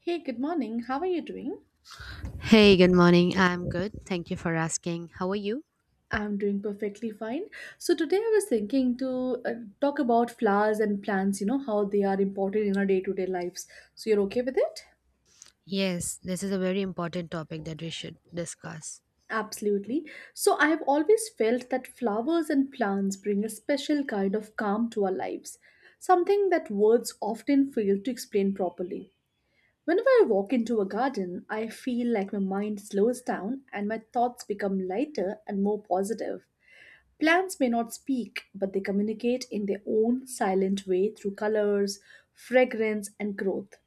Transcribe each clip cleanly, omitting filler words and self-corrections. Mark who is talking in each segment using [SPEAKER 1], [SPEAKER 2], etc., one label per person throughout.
[SPEAKER 1] Hey, good morning. How are you doing?
[SPEAKER 2] Hey, good morning. I'm good. Thank you for asking. How are you?
[SPEAKER 1] I'm doing perfectly fine. So today I was thinking to talk about flowers and plants, you know, how they are important in our day-to-day lives. So you're okay with it?
[SPEAKER 2] Yes, this is a very important topic that we should discuss.
[SPEAKER 1] Absolutely. So I have always felt that flowers and plants bring a special kind of calm to our lives, something that words often fail to explain properly. Whenever I walk into a garden, I feel like my mind slows down and my thoughts become lighter and more positive. Plants may not speak, but they communicate in their own silent way through colors, fragrance, and growth.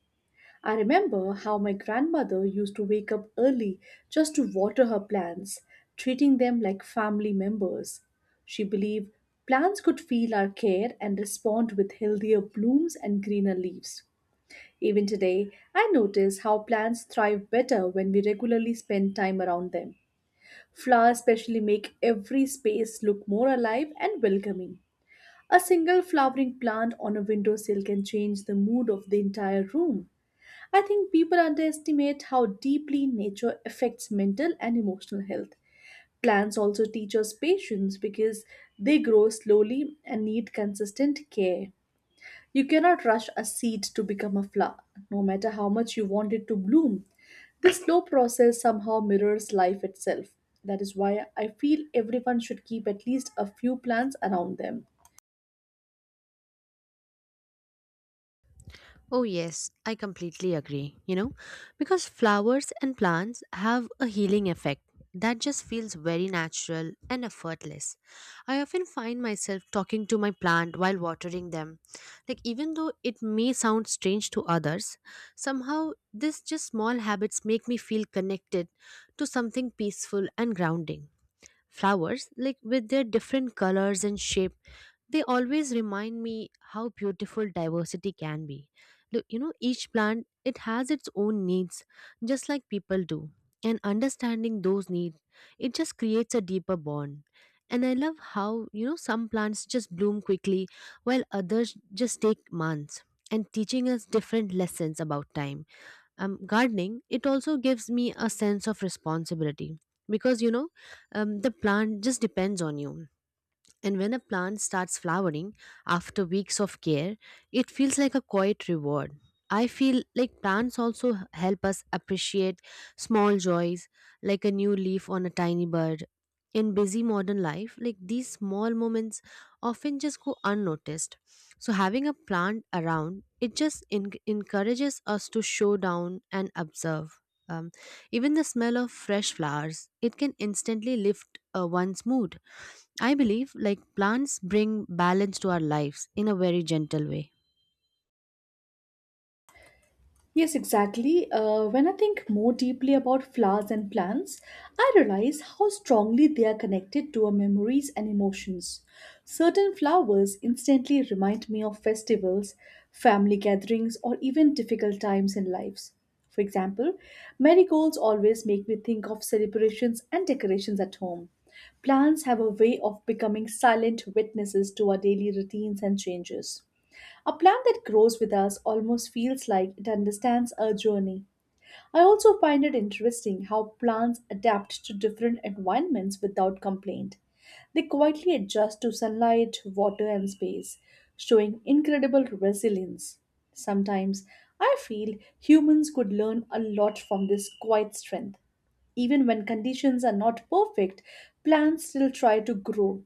[SPEAKER 1] I remember how my grandmother used to wake up early just to water her plants, treating them like family members. She believed plants could feel our care and respond with healthier blooms and greener leaves. Even today, I notice how plants thrive better when we regularly spend time around them. Flowers especially make every space look more alive and welcoming. A single flowering plant on a windowsill can change the mood of the entire room. I think people underestimate how deeply nature affects mental and emotional health. Plants also teach us patience because they grow slowly and need consistent care. You cannot rush a seed to become a flower, no matter how much you want it to bloom. This slow process somehow mirrors life itself. That is why I feel everyone should keep at least a few plants around them.
[SPEAKER 2] Oh, yes, I completely agree. Because flowers and plants have a healing effect that just feels very natural and effortless. I often find myself talking to my plant while watering them. Like, even though it may sound strange to others, somehow this just small habits make me feel connected to something peaceful and grounding. Flowers like with their different colors and shape. They always remind me how beautiful diversity can be. Look, each plant it has its own needs, just like people do. And understanding those needs, it just creates a deeper bond. And I love how, you know, some plants just bloom quickly while others just take months and teaching us different lessons about time. Gardening, it also gives me a sense of responsibility because the plant just depends on you. And when a plant starts flowering after weeks of care, it feels like a quiet reward. I feel like plants also help us appreciate small joys, like a new leaf on a tiny bird. In busy modern life, like these small moments often just go unnoticed. So having a plant around, it just encourages us to show down and observe. Um, Even the smell of fresh flowers, it can instantly lift one's mood. I believe like plants bring balance to our lives in a very gentle way.
[SPEAKER 1] Yes, exactly. When I think more deeply about flowers and plants, I realize how strongly they are connected to our memories and emotions. Certain flowers instantly remind me of festivals, family gatherings, or even difficult times in lives. For example, marigolds always make me think of celebrations and decorations at home. Plants have a way of becoming silent witnesses to our daily routines and changes. A plant that grows with us almost feels like it understands our journey. I also find it interesting how plants adapt to different environments without complaint. They quietly adjust to sunlight, water, and space, showing incredible resilience. Sometimes I feel humans could learn a lot from this quiet strength. Even when conditions are not perfect, plants still try to grow.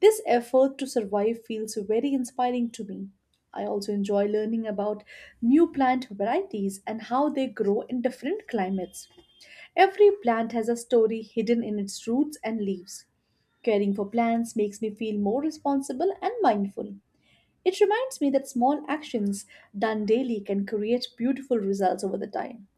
[SPEAKER 1] This effort to survive feels very inspiring to me. I also enjoy learning about new plant varieties and how they grow in different climates. Every plant has a story hidden in its roots and leaves. Caring for plants makes me feel more responsible and mindful. It reminds me that small actions done daily can create beautiful results over the time.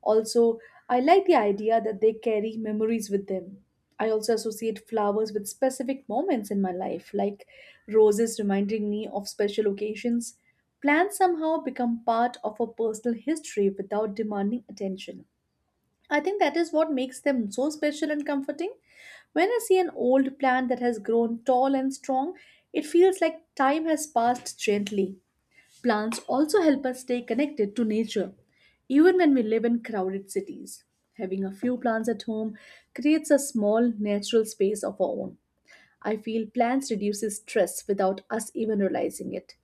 [SPEAKER 1] Also, I like the idea that they carry memories with them. I also associate flowers with specific moments in my life, like roses reminding me of special occasions. Plants somehow become part of a personal history without demanding attention. I think that is what makes them so special and comforting. When I see an old plant that has grown tall and strong, it feels like time has passed gently. Plants also help us stay connected to nature, even when we live in crowded cities. Having a few plants at home creates a small natural space of our own. I feel plants reduces stress without us even realizing it.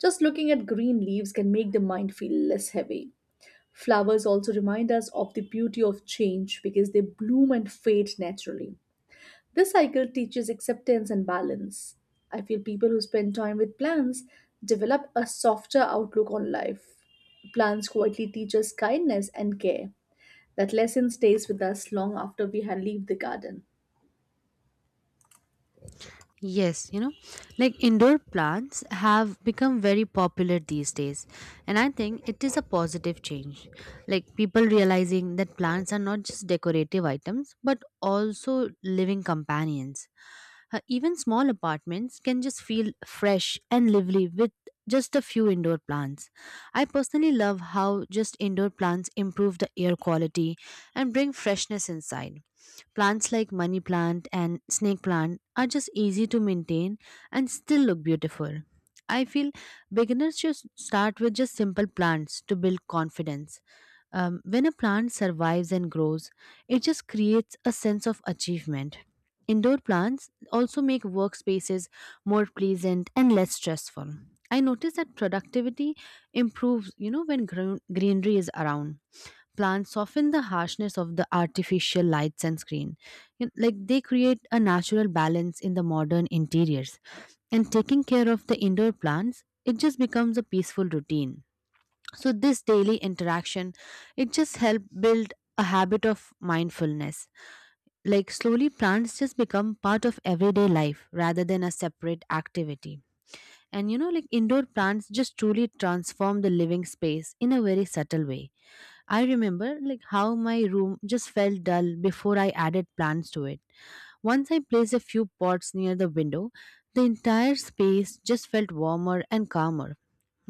[SPEAKER 1] Just looking at green leaves can make the mind feel less heavy. Flowers also remind us of the beauty of change because they bloom and fade naturally. This cycle teaches acceptance and balance. I feel people who spend time with plants develop a softer outlook on life. Plants quietly teach us kindness and care. That lesson stays with us long after we have leave the garden.
[SPEAKER 2] Yes, like indoor plants have become very popular these days, and I think it is a positive change. Like people realizing that plants are not just decorative items but also living companions. Even small apartments can just feel fresh and lively with just a few indoor plants. I personally love how just indoor plants improve the air quality and bring freshness inside. Plants like money plant and snake plant are just easy to maintain and still look beautiful. I feel beginners should start with just simple plants to build confidence. When a plant survives and grows, it just creates a sense of achievement. Indoor plants also make workspaces more pleasant and less stressful. I notice that productivity improves, you know, when greenery is around. Plants soften the harshness of the artificial lights and screen. You Like they create a natural balance in the modern interiors. And taking care of the indoor plants, it just becomes a peaceful routine. So this daily interaction, it just helps build a habit of mindfulness, like slowly, plants just become part of everyday life rather than a separate activity. And like indoor plants just truly transform the living space in a very subtle way. I remember like how my room just felt dull before I added plants to it. Once I placed a few pots near the window, the entire space just felt warmer and calmer.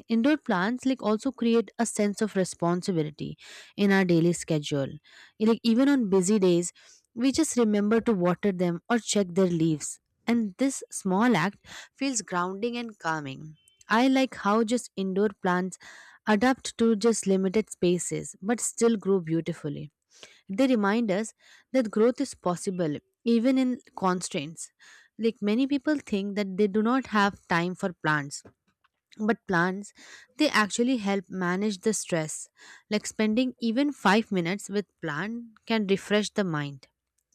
[SPEAKER 2] Indoor plants like also create a sense of responsibility in our daily schedule. Like even on busy days, we just remember to water them or check their leaves, and this small act feels grounding and calming. I like how just indoor plants adapt to just limited spaces but still grow beautifully. They remind us that growth is possible even in constraints. Like many people think that they do not have time for plants, but plants, they actually help manage the stress. Like spending even 5 minutes with plant can refresh the mind.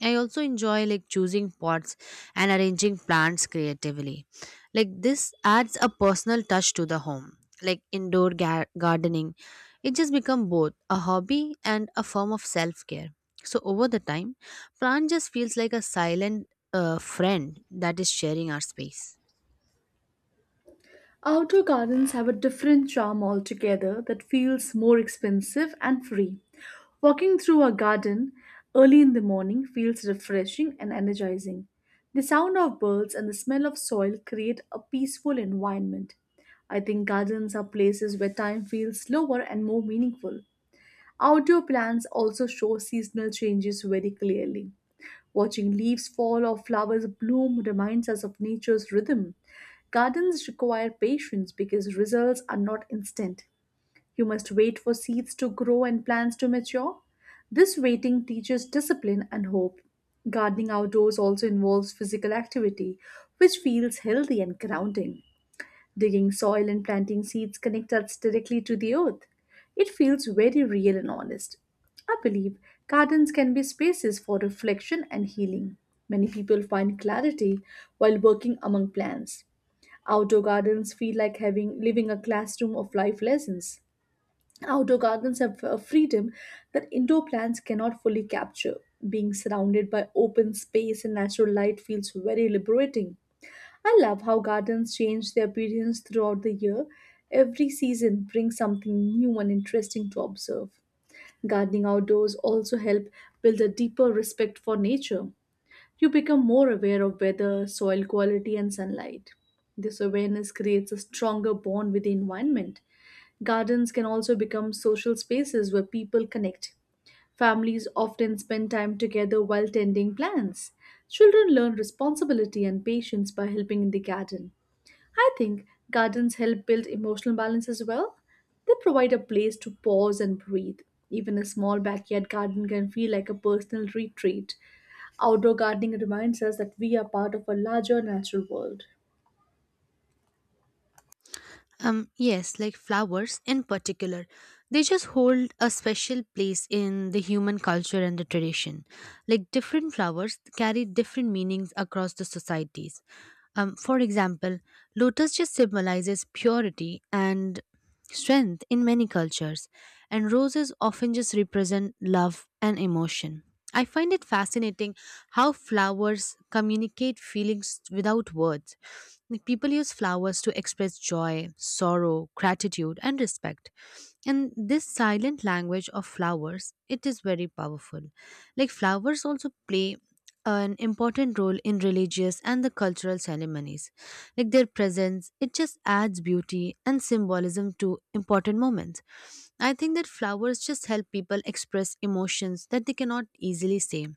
[SPEAKER 2] I also enjoy like choosing pots and arranging plants creatively. Like this adds a personal touch to the home. Like indoor gardening, it just become both a hobby and a form of self-care. So over the time, plant just feels like a silent friend that is sharing our space.
[SPEAKER 1] Outdoor gardens have a different charm altogether that feels more expensive and free. Walking through a garden early in the morning feels refreshing and energizing. The sound of birds and the smell of soil create a peaceful environment. I think gardens are places where time feels slower and more meaningful. Outdoor plants also show seasonal changes very clearly. Watching leaves fall or flowers bloom reminds us of nature's rhythm. Gardens require patience because results are not instant. You must wait for seeds to grow and plants to mature. This waiting teaches discipline and hope. Gardening outdoors also involves physical activity, which feels healthy and grounding. Digging soil and planting seeds connect us directly to the earth. It feels very real and honest. I believe gardens can be spaces for reflection and healing. Many people find clarity while working among plants. Outdoor gardens feel like having living a classroom of life lessons. Outdoor gardens have a freedom that indoor plants cannot fully capture. Being surrounded by open space and natural light feels very liberating. I love how gardens change their appearance throughout the year. Every season brings something new and interesting to observe. Gardening outdoors also help build a deeper respect for nature. You become more aware of weather, soil quality and sunlight. This awareness creates a stronger bond with the environment. Gardens can also become social spaces where people connect. Families often spend time together while tending plants. Children learn responsibility and patience by helping in the garden. I think gardens help build emotional balance as well. They provide a place to pause and breathe. Even a small backyard garden can feel like a personal retreat. Outdoor gardening reminds us that we are part of a larger natural world.
[SPEAKER 2] Yes, like flowers in particular. They just hold a special place in the human culture and the tradition. Like different flowers carry different meanings across the societies. For example, lotus just symbolizes purity and strength in many cultures, and roses often just represent love and emotion. I find it fascinating how flowers communicate feelings without words. Like, people use flowers to express joy, sorrow, gratitude, and respect. And this silent language of flowers, it is very powerful. Like flowers also play an important role in religious and the cultural ceremonies. Like their presence, it just adds beauty and symbolism to important moments. I think that flowers just help people express emotions that they cannot easily say.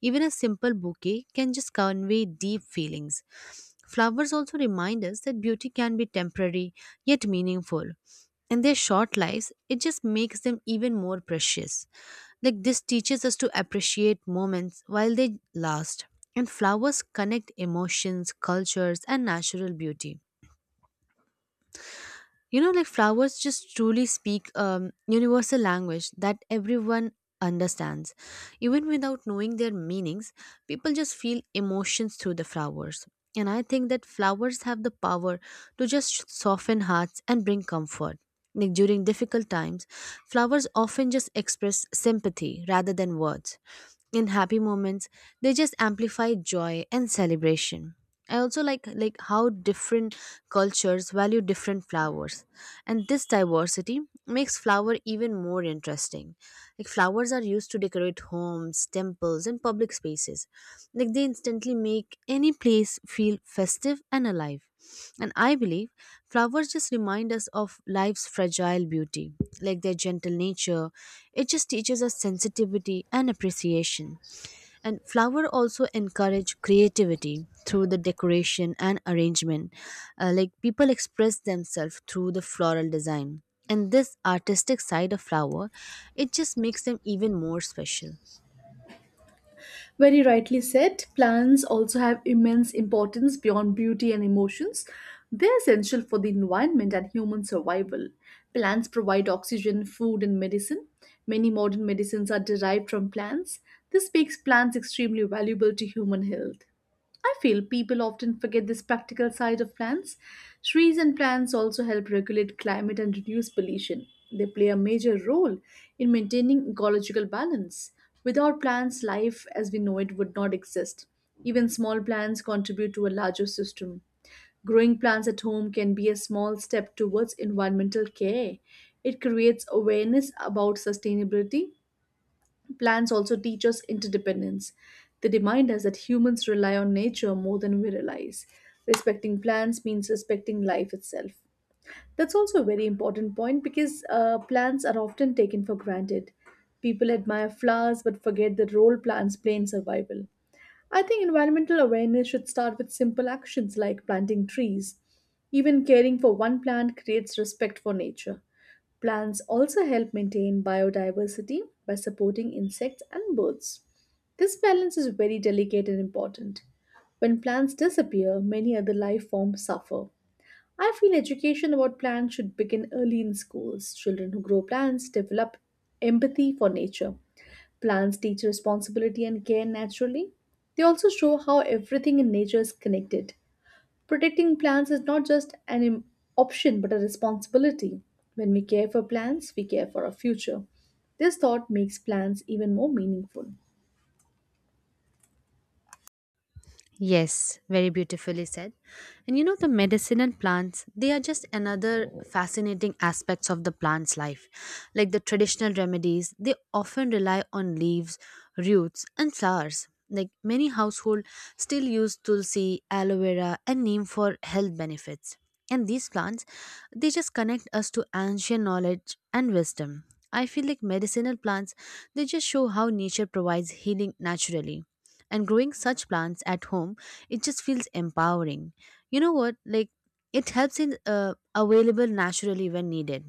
[SPEAKER 2] Even a simple bouquet can just convey deep feelings. Flowers also remind us that beauty can be temporary yet meaningful. In their short lives, it just makes them even more precious. Like this teaches us to appreciate moments while they last. And flowers connect emotions, cultures, and natural beauty. Like flowers just truly speak universal language that everyone understands, even without knowing their meanings. People just feel emotions through the flowers, and I think that flowers have the power to just soften hearts and bring comfort. Like during difficult times, flowers often just express sympathy rather than words. In happy moments, they just amplify joy and celebration. I also like how different cultures value different flowers, and this diversity makes flower even more interesting. Like flowers are used to decorate homes, temples, and public spaces. Like they instantly make any place feel festive and alive. And I believe flowers just remind us of life's fragile beauty, like their gentle nature. It just teaches us sensitivity and appreciation. And flower also encourage creativity through the decoration and arrangement. Like people express themselves through the floral design. And this artistic side of flower, it just makes them even more special.
[SPEAKER 1] Very rightly said, plants also have immense importance beyond beauty and emotions. They're essential for the environment and human survival. Plants provide oxygen, food, and medicine. Many modern medicines are derived from plants. This makes plants extremely valuable to human health. I feel people often forget this practical side of plants. Trees and plants also help regulate climate and reduce pollution. They play a major role in maintaining ecological balance. Without plants, life as we know it would not exist. Even small plants contribute to a larger system. Growing plants at home can be a small step towards environmental care. It creates awareness about sustainability. Plants also teach us interdependence. They remind us that humans rely on nature more than we realize. Respecting plants means respecting life itself. That's also a very important point because plants are often taken for granted. People admire flowers but forget the role plants play in survival. I think environmental awareness should start with simple actions like planting trees. Even caring for one plant creates respect for nature. Plants also help maintain biodiversity by supporting insects and birds. This balance is very delicate and important. When plants disappear, many other life forms suffer. I feel education about plants should begin early in schools. Children who grow plants develop empathy for nature. Plants teach responsibility and care naturally. They also show how everything in nature is connected. Protecting plants is not just an option but a responsibility. When we care for plants, we care for our future. This thought makes plants even more meaningful.
[SPEAKER 2] Yes, very beautifully said. And the medicinal plants, they are just another fascinating aspects of the plant's life. Like the traditional remedies, they often rely on leaves, roots, and flowers. Like many households still use tulsi, aloe vera, and neem for health benefits. And these plants, they just connect us to ancient knowledge and wisdom. I feel like medicinal plants, they just show how nature provides healing naturally, and growing such plants at home, it just feels empowering. You know what, like it helps in available naturally when needed.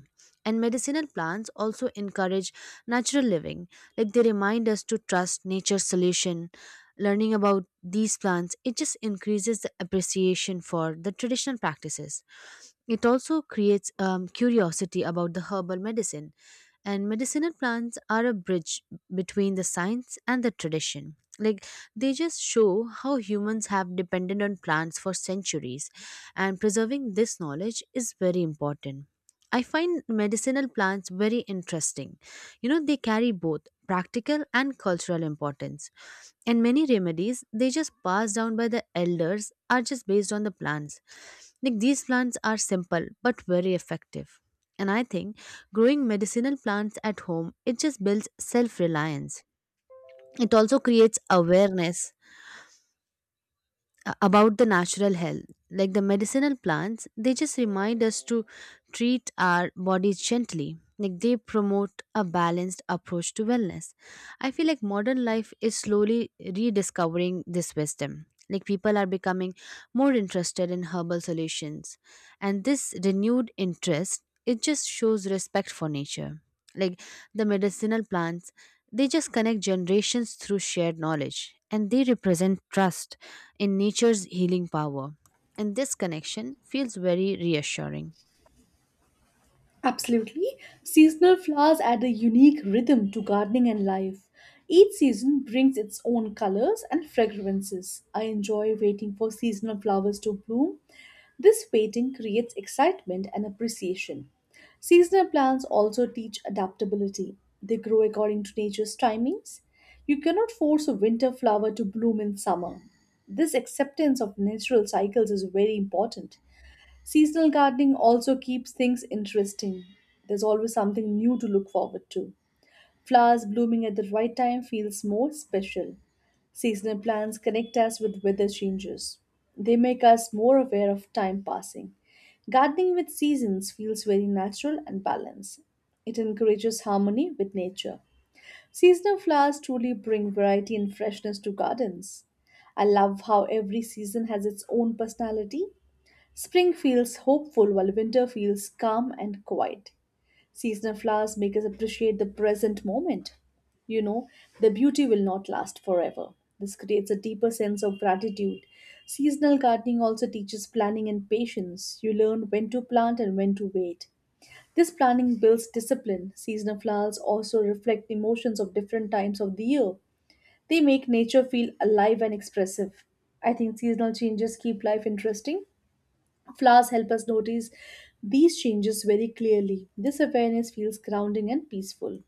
[SPEAKER 2] And medicinal plants also encourage natural living. Like they remind us to trust nature's solution. Learning about these plants, it just increases the appreciation for the traditional practices. It also creates curiosity about the herbal medicine. And medicinal plants are a bridge between the science and the tradition. Like they just show how humans have depended on plants for centuries, and preserving this knowledge is very important. I find medicinal plants very interesting. You know, they carry both practical and cultural importance. And many remedies, they just pass down by the elders, are just based on the plants. Like these plants are simple but very effective. And I think growing medicinal plants at home, it just builds self reliance. It also creates awareness about the natural health. Like the medicinal plants, they just remind us to treat our bodies gently. Like they promote a balanced approach to wellness. I feel like modern life is slowly rediscovering this wisdom. Like people are becoming more interested in herbal solutions, and this renewed interest, it just shows respect for nature. Like the medicinal plants, they just connect generations through shared knowledge, and they represent trust in nature's healing power. And this connection feels very reassuring.
[SPEAKER 1] Absolutely. Seasonal flowers add a unique rhythm to gardening and life. Each season brings its own colors and fragrances. I enjoy waiting for seasonal flowers to bloom. This waiting creates excitement and appreciation. Seasonal plants also teach adaptability. They grow according to nature's timings. You cannot force a winter flower to bloom in summer. This acceptance of natural cycles is very important. Seasonal gardening also keeps things interesting. There's always something new to look forward to. Flowers blooming at the right time feels more special. Seasonal plants connect us with weather changes. They make us more aware of time passing. Gardening with seasons feels very natural and balanced. It encourages harmony with nature. Seasonal flowers truly bring variety and freshness to gardens. I love how every season has its own personality. Spring feels hopeful while winter feels calm and quiet. Seasonal flowers make us appreciate the present moment. You know, their beauty will not last forever. This creates a deeper sense of gratitude. Seasonal gardening also teaches planning and patience. You learn when to plant and when to wait. This planning builds discipline. Seasonal flowers also reflect emotions of different times of the year. They make nature feel alive and expressive. I think seasonal changes keep life interesting. Flowers help us notice these changes very clearly. This awareness feels grounding and peaceful.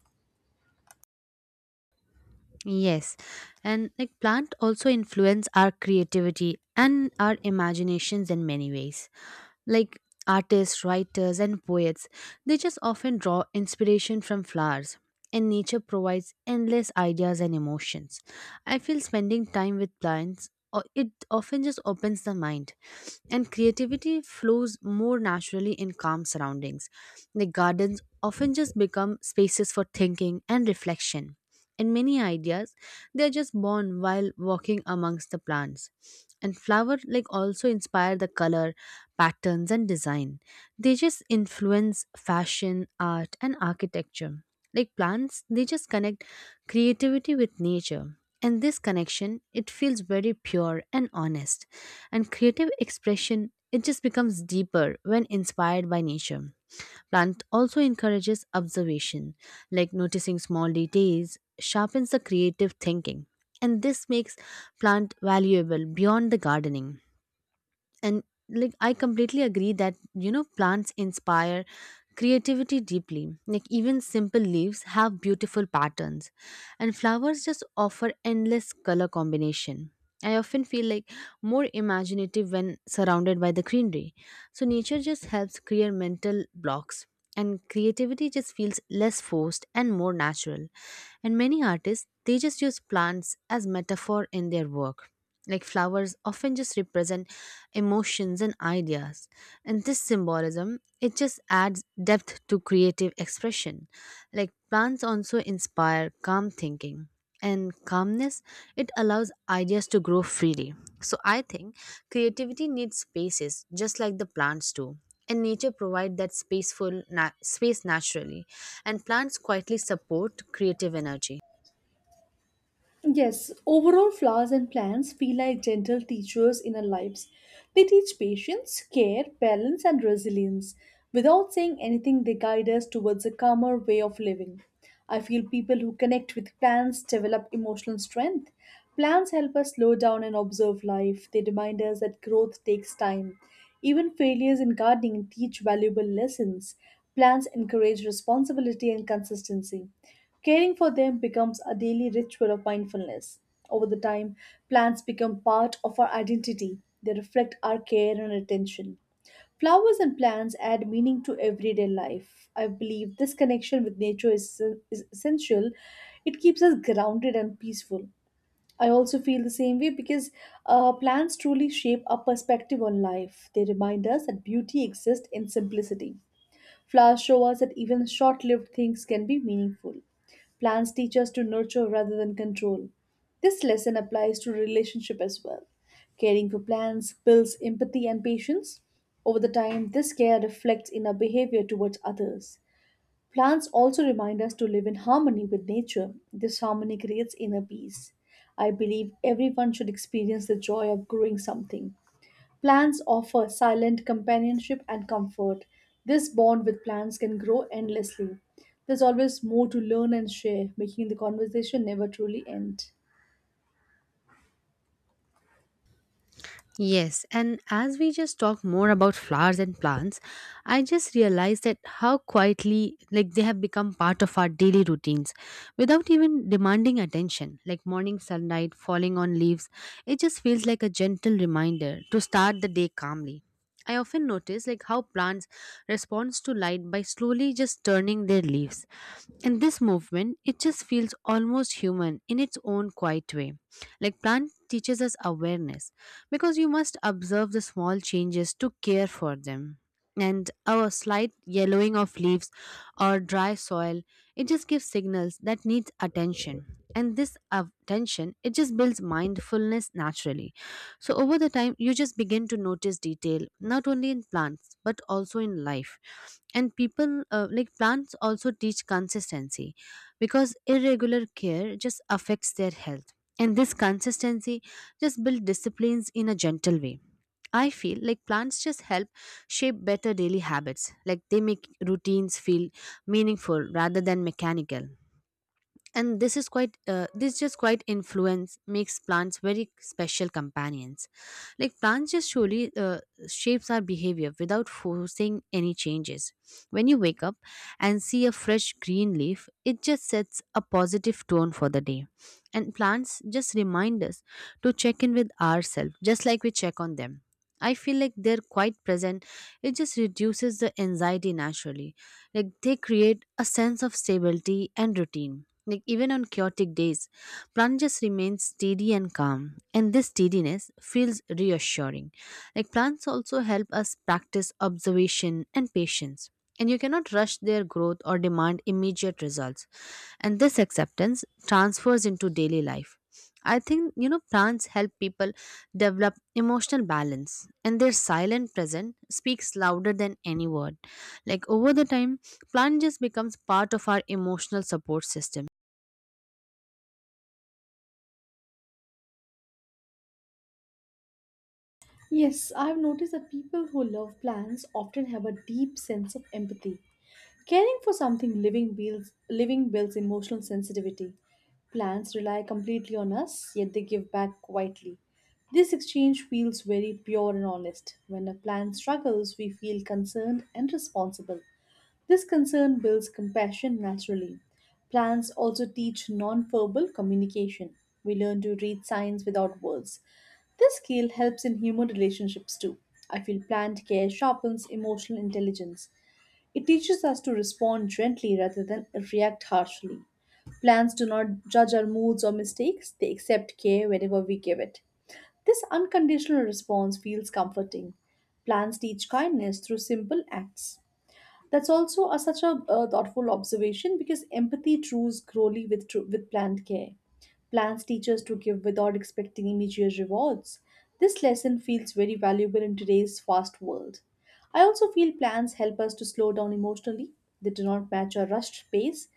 [SPEAKER 2] Yes, and like plant also influence our creativity and our imaginations in many ways. Like artists, writers, and poets. They just often draw inspiration from flowers, and nature provides endless ideas and emotions. I feel spending time with plants. It often just opens the mind, and creativity flows more naturally in calm surroundings. The gardens often just become spaces for thinking and reflection. In many ideas, they are just born while walking amongst the plants. And flower like also inspire the color, patterns and design. They just influence fashion, art and architecture. Like plants, they just connect creativity with nature. And this connection, it feels very pure and honest. And creative expression, it just becomes deeper when inspired by nature. Plant also encourages observation, like noticing small details, sharpens the creative thinking, and this makes plant valuable beyond the gardening. And like I completely agree that you know plants inspire creativity deeply, like even simple leaves have beautiful patterns and flowers just offer endless color combination. I often feel like more imaginative when surrounded by the greenery, so nature just helps clear mental blocks and creativity just feels less forced and more natural. And many artists, they just use plants as metaphor in their work, like flowers often just represent emotions and ideas, and this symbolism, it just adds depth to creative expression. Like plants also inspire calm thinking, and calmness, it allows ideas to grow freely. So I think creativity needs spaces just like the plants do, and nature provide that space naturally, and plants quietly support creative energy.
[SPEAKER 1] Yes, overall, flowers and plants feel like gentle teachers in our lives. They teach patience, care, balance, and resilience. Without saying anything, they guide us towards a calmer way of living. I feel people who connect with plants develop emotional strength. Plants help us slow down and observe life. They remind us that growth takes time. Even failures in gardening teach valuable lessons. Plants encourage responsibility and consistency. Caring for them becomes a daily ritual of mindfulness. Over the time, plants become part of our identity. They reflect our care and attention. Flowers and plants add meaning to everyday life. I believe this connection with nature is essential. It keeps us grounded and peaceful. I also feel the same way because plants truly shape our perspective on life. They remind us that beauty exists in simplicity. Flowers show us that even short lived things can be meaningful. Plants teach us to nurture rather than control. This lesson applies to relationship as well. Caring for plants builds empathy and patience. Over the time, this care reflects in our behavior towards others. Plants also remind us to live in harmony with nature. This harmony creates inner peace. I believe everyone should experience the joy of growing something. Plants offer silent companionship and comfort. This bond with plants can grow endlessly. There's always more to learn and share, making the conversation never truly end.
[SPEAKER 2] Yes, and as we just talk more about flowers and plants, I just realized that how quietly like they have become part of our daily routines without even demanding attention. Like morning sunlight falling on leaves, it just feels like a gentle reminder to start the day calmly. I often notice like how plants responds to light by slowly just turning their leaves. And this movement, it just feels almost human in its own quiet way. Like plant teaches us awareness because you must observe the small changes to care for them. And our slight yellowing of leaves or dry soil, it just gives signals that needs attention. And this attention, it just builds mindfulness naturally. So over the time, you just begin to notice detail, not only in plants, but also in life and people. Like plants also teach consistency because irregular care just affects their health, and this consistency just build disciplines in a gentle way. I feel like plants just help shape better daily habits, like they make routines feel meaningful rather than mechanical. And this is quite this just quite influence makes plants very special companions. Like plants just surely shapes our behavior without forcing any changes. When you wake up and see a fresh green leaf, it just sets a positive tone for the day, and plants just remind us to check in with ourselves just like we check on them. I feel like they're quite present, it just reduces the anxiety naturally. Like they create a sense of stability and routine, like even on chaotic days, plants remain steady and calm, and this steadiness feels reassuring. Like plants also help us practice observation and patience, and you cannot rush their growth or demand immediate results, and this acceptance transfers into daily life. I think you know plants help people develop emotional balance, and their silent presence speaks louder than any word. Like over the time, plant just becomes part of our emotional support system.
[SPEAKER 1] Yes, I've noticed that people who love plants often have a deep sense of empathy. Caring for something living builds emotional sensitivity. Plants rely completely on us, yet they give back quietly. This exchange feels very pure and honest. When a plant struggles, we feel concerned and responsible. This concern builds compassion naturally. Plants also teach nonverbal communication. We learn to read signs without words. This skill helps in human relationships too. I feel plant care sharpens emotional intelligence. It teaches us to respond gently rather than react harshly. Plants do not judge our moods or mistakes, they accept care whenever we give it. This unconditional response feels comforting. Plants teach kindness through simple acts. That's also a, such a, Thoughtful observation because empathy grows slowly with with planned care plans teachers to give without expecting immediate rewards. This lesson feels very valuable in today's fast world. I also feel plans help us to slow down emotionally. They do not match our rushed pace.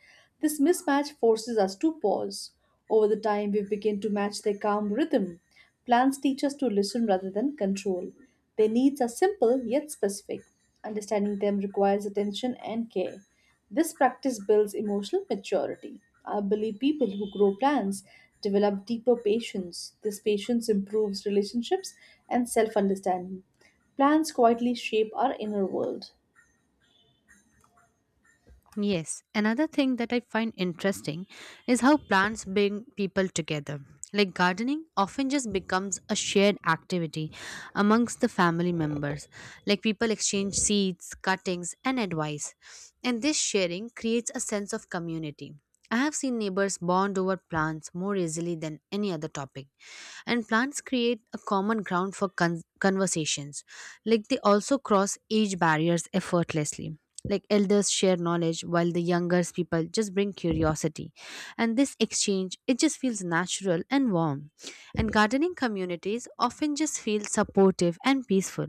[SPEAKER 1] This mismatch forces us to pause. Over the time, we begin to match their calm rhythm. Plans teach us to listen rather than control. Their needs are simple yet specific. Understanding them requires attention and care. This practice builds emotional maturity. I believe people who grow plants develop deeper patience. This patience improves relationships and self understanding. Plants quietly shape our inner world.
[SPEAKER 2] Yes, another thing that I find interesting is how plants bring people together. Like gardening often just becomes a shared activity amongst the family members. Like people exchange seeds, cuttings, and advice. And this sharing creates a sense of community. I have seen neighbors bond over plants more easily than any other topic. And plants create a common ground for conversations. Like they also cross age barriers effortlessly, like elders share knowledge while the younger people just bring curiosity, and this exchange, it just feels natural and warm. And gardening communities often just feel supportive and peaceful,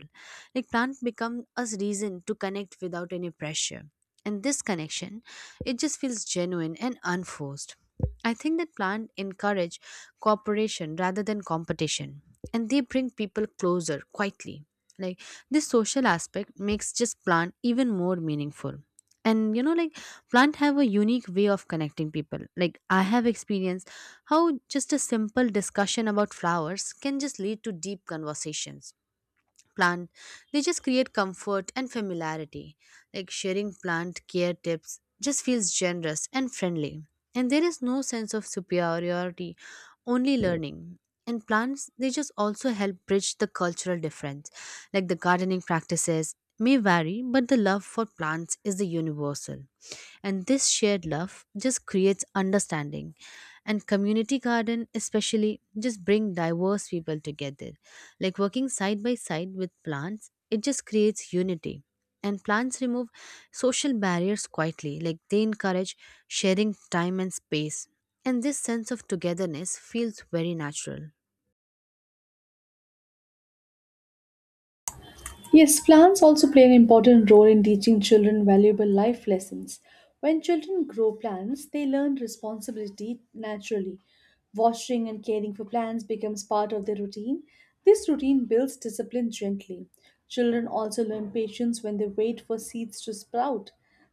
[SPEAKER 2] like plants become a reason to connect without any pressure, and this connection, it just feels genuine and unforced. I think that plants encourage cooperation rather than competition, and they bring people closer quietly. Like this social aspect makes just plant even more meaningful. And you know like plant have a unique way of connecting people, like I have experienced how just a simple discussion about flowers can just lead to deep conversations. Plant, they just create comfort and familiarity, like sharing plant care tips just feels generous and friendly, and there is no sense of superiority, only learning. And plants, they just also help bridge the cultural difference, like the gardening practices may vary but the love for plants is the universal, and this shared love just creates understanding. And community garden especially just bring diverse people together, like working side by side with plants, it just creates unity. And plants remove social barriers quietly, like they encourage sharing time and space, and this sense of togetherness feels very natural.
[SPEAKER 1] Yes, plants also play an important role in teaching children valuable life lessons. When children grow plants, they learn responsibility naturally. Washing and caring for plants becomes part of their routine. This routine builds discipline gently. Children also learn patience when they wait for seeds to sprout.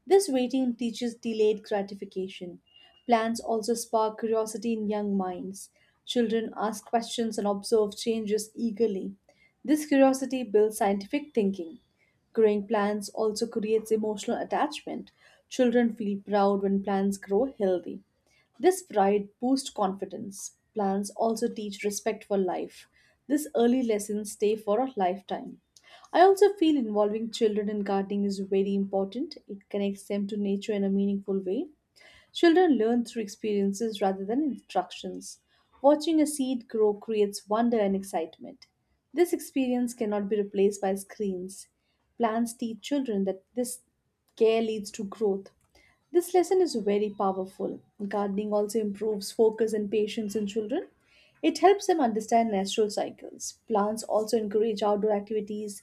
[SPEAKER 1] This waiting teaches delayed gratification. Plants also spark curiosity in young minds. Children ask questions and observe changes eagerly. This curiosity builds scientific thinking. Growing plants also creates emotional attachment. Children feel proud when plants grow healthy. This pride boosts confidence. Plants also teach respect for life. These early lessons stay for a lifetime. I also feel involving children in gardening is very important. It connects them to nature in a meaningful way. Children learn through experiences rather than instructions. Watching a seed grow creates wonder and excitement. This experience cannot be replaced by screens. Plants teach children that this care leads to growth. This lesson is very powerful. Gardening also improves focus and patience in children. It helps them understand natural cycles. Plants also encourage outdoor activities.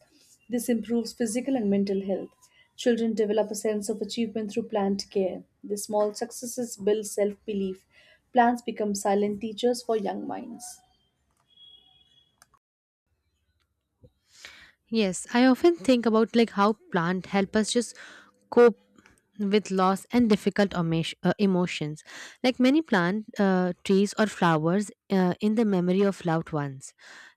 [SPEAKER 1] This improves physical and mental health. Children develop a sense of achievement through plant care. The small successes build self belief. Plants become silent teachers for young minds.
[SPEAKER 2] Yes, I often think about like how plant help us just cope with loss and difficult emotions. Like many plant trees or flowers in the memory of loved ones.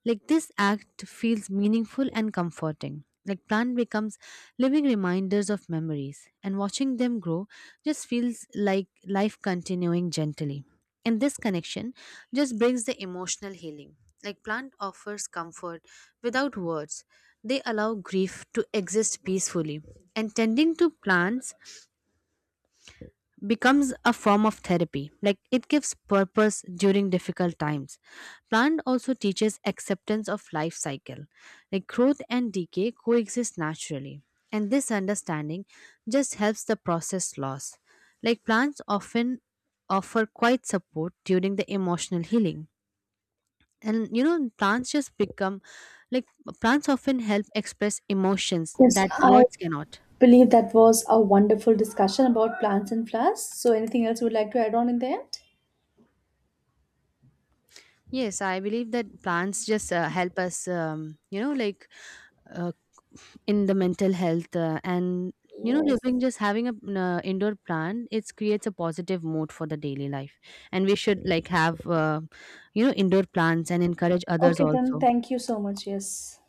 [SPEAKER 2] Like this act feels meaningful and comforting. Like plant becomes living reminders of memories, and watching them grow just feels like life continuing gently. And this connection just brings the emotional healing. Like plant offers comfort without words. They allow grief to exist peacefully. And tending to plants becomes a form of therapy, like it gives purpose during difficult times. Plant also teaches acceptance of life cycle, like growth and decay coexist naturally, and this understanding just helps the process loss. Like plants often offer quite support during the emotional healing. And you know plants just become, like, plants often help express emotions
[SPEAKER 1] Yes,
[SPEAKER 2] that
[SPEAKER 1] I
[SPEAKER 2] words cannot.
[SPEAKER 1] believe that was a wonderful discussion about plants and flowers. So, anything else you would like to add on in the end?
[SPEAKER 2] Yes, I believe that plants just help us you know, like, uh, in the mental health and you know,
[SPEAKER 1] Yes.
[SPEAKER 2] living, just having a indoor plant, it creates a positive mood for the daily life. And we should like have, you know, indoor plants and encourage others
[SPEAKER 1] Okay, then
[SPEAKER 2] also.
[SPEAKER 1] thank you so much. Yes.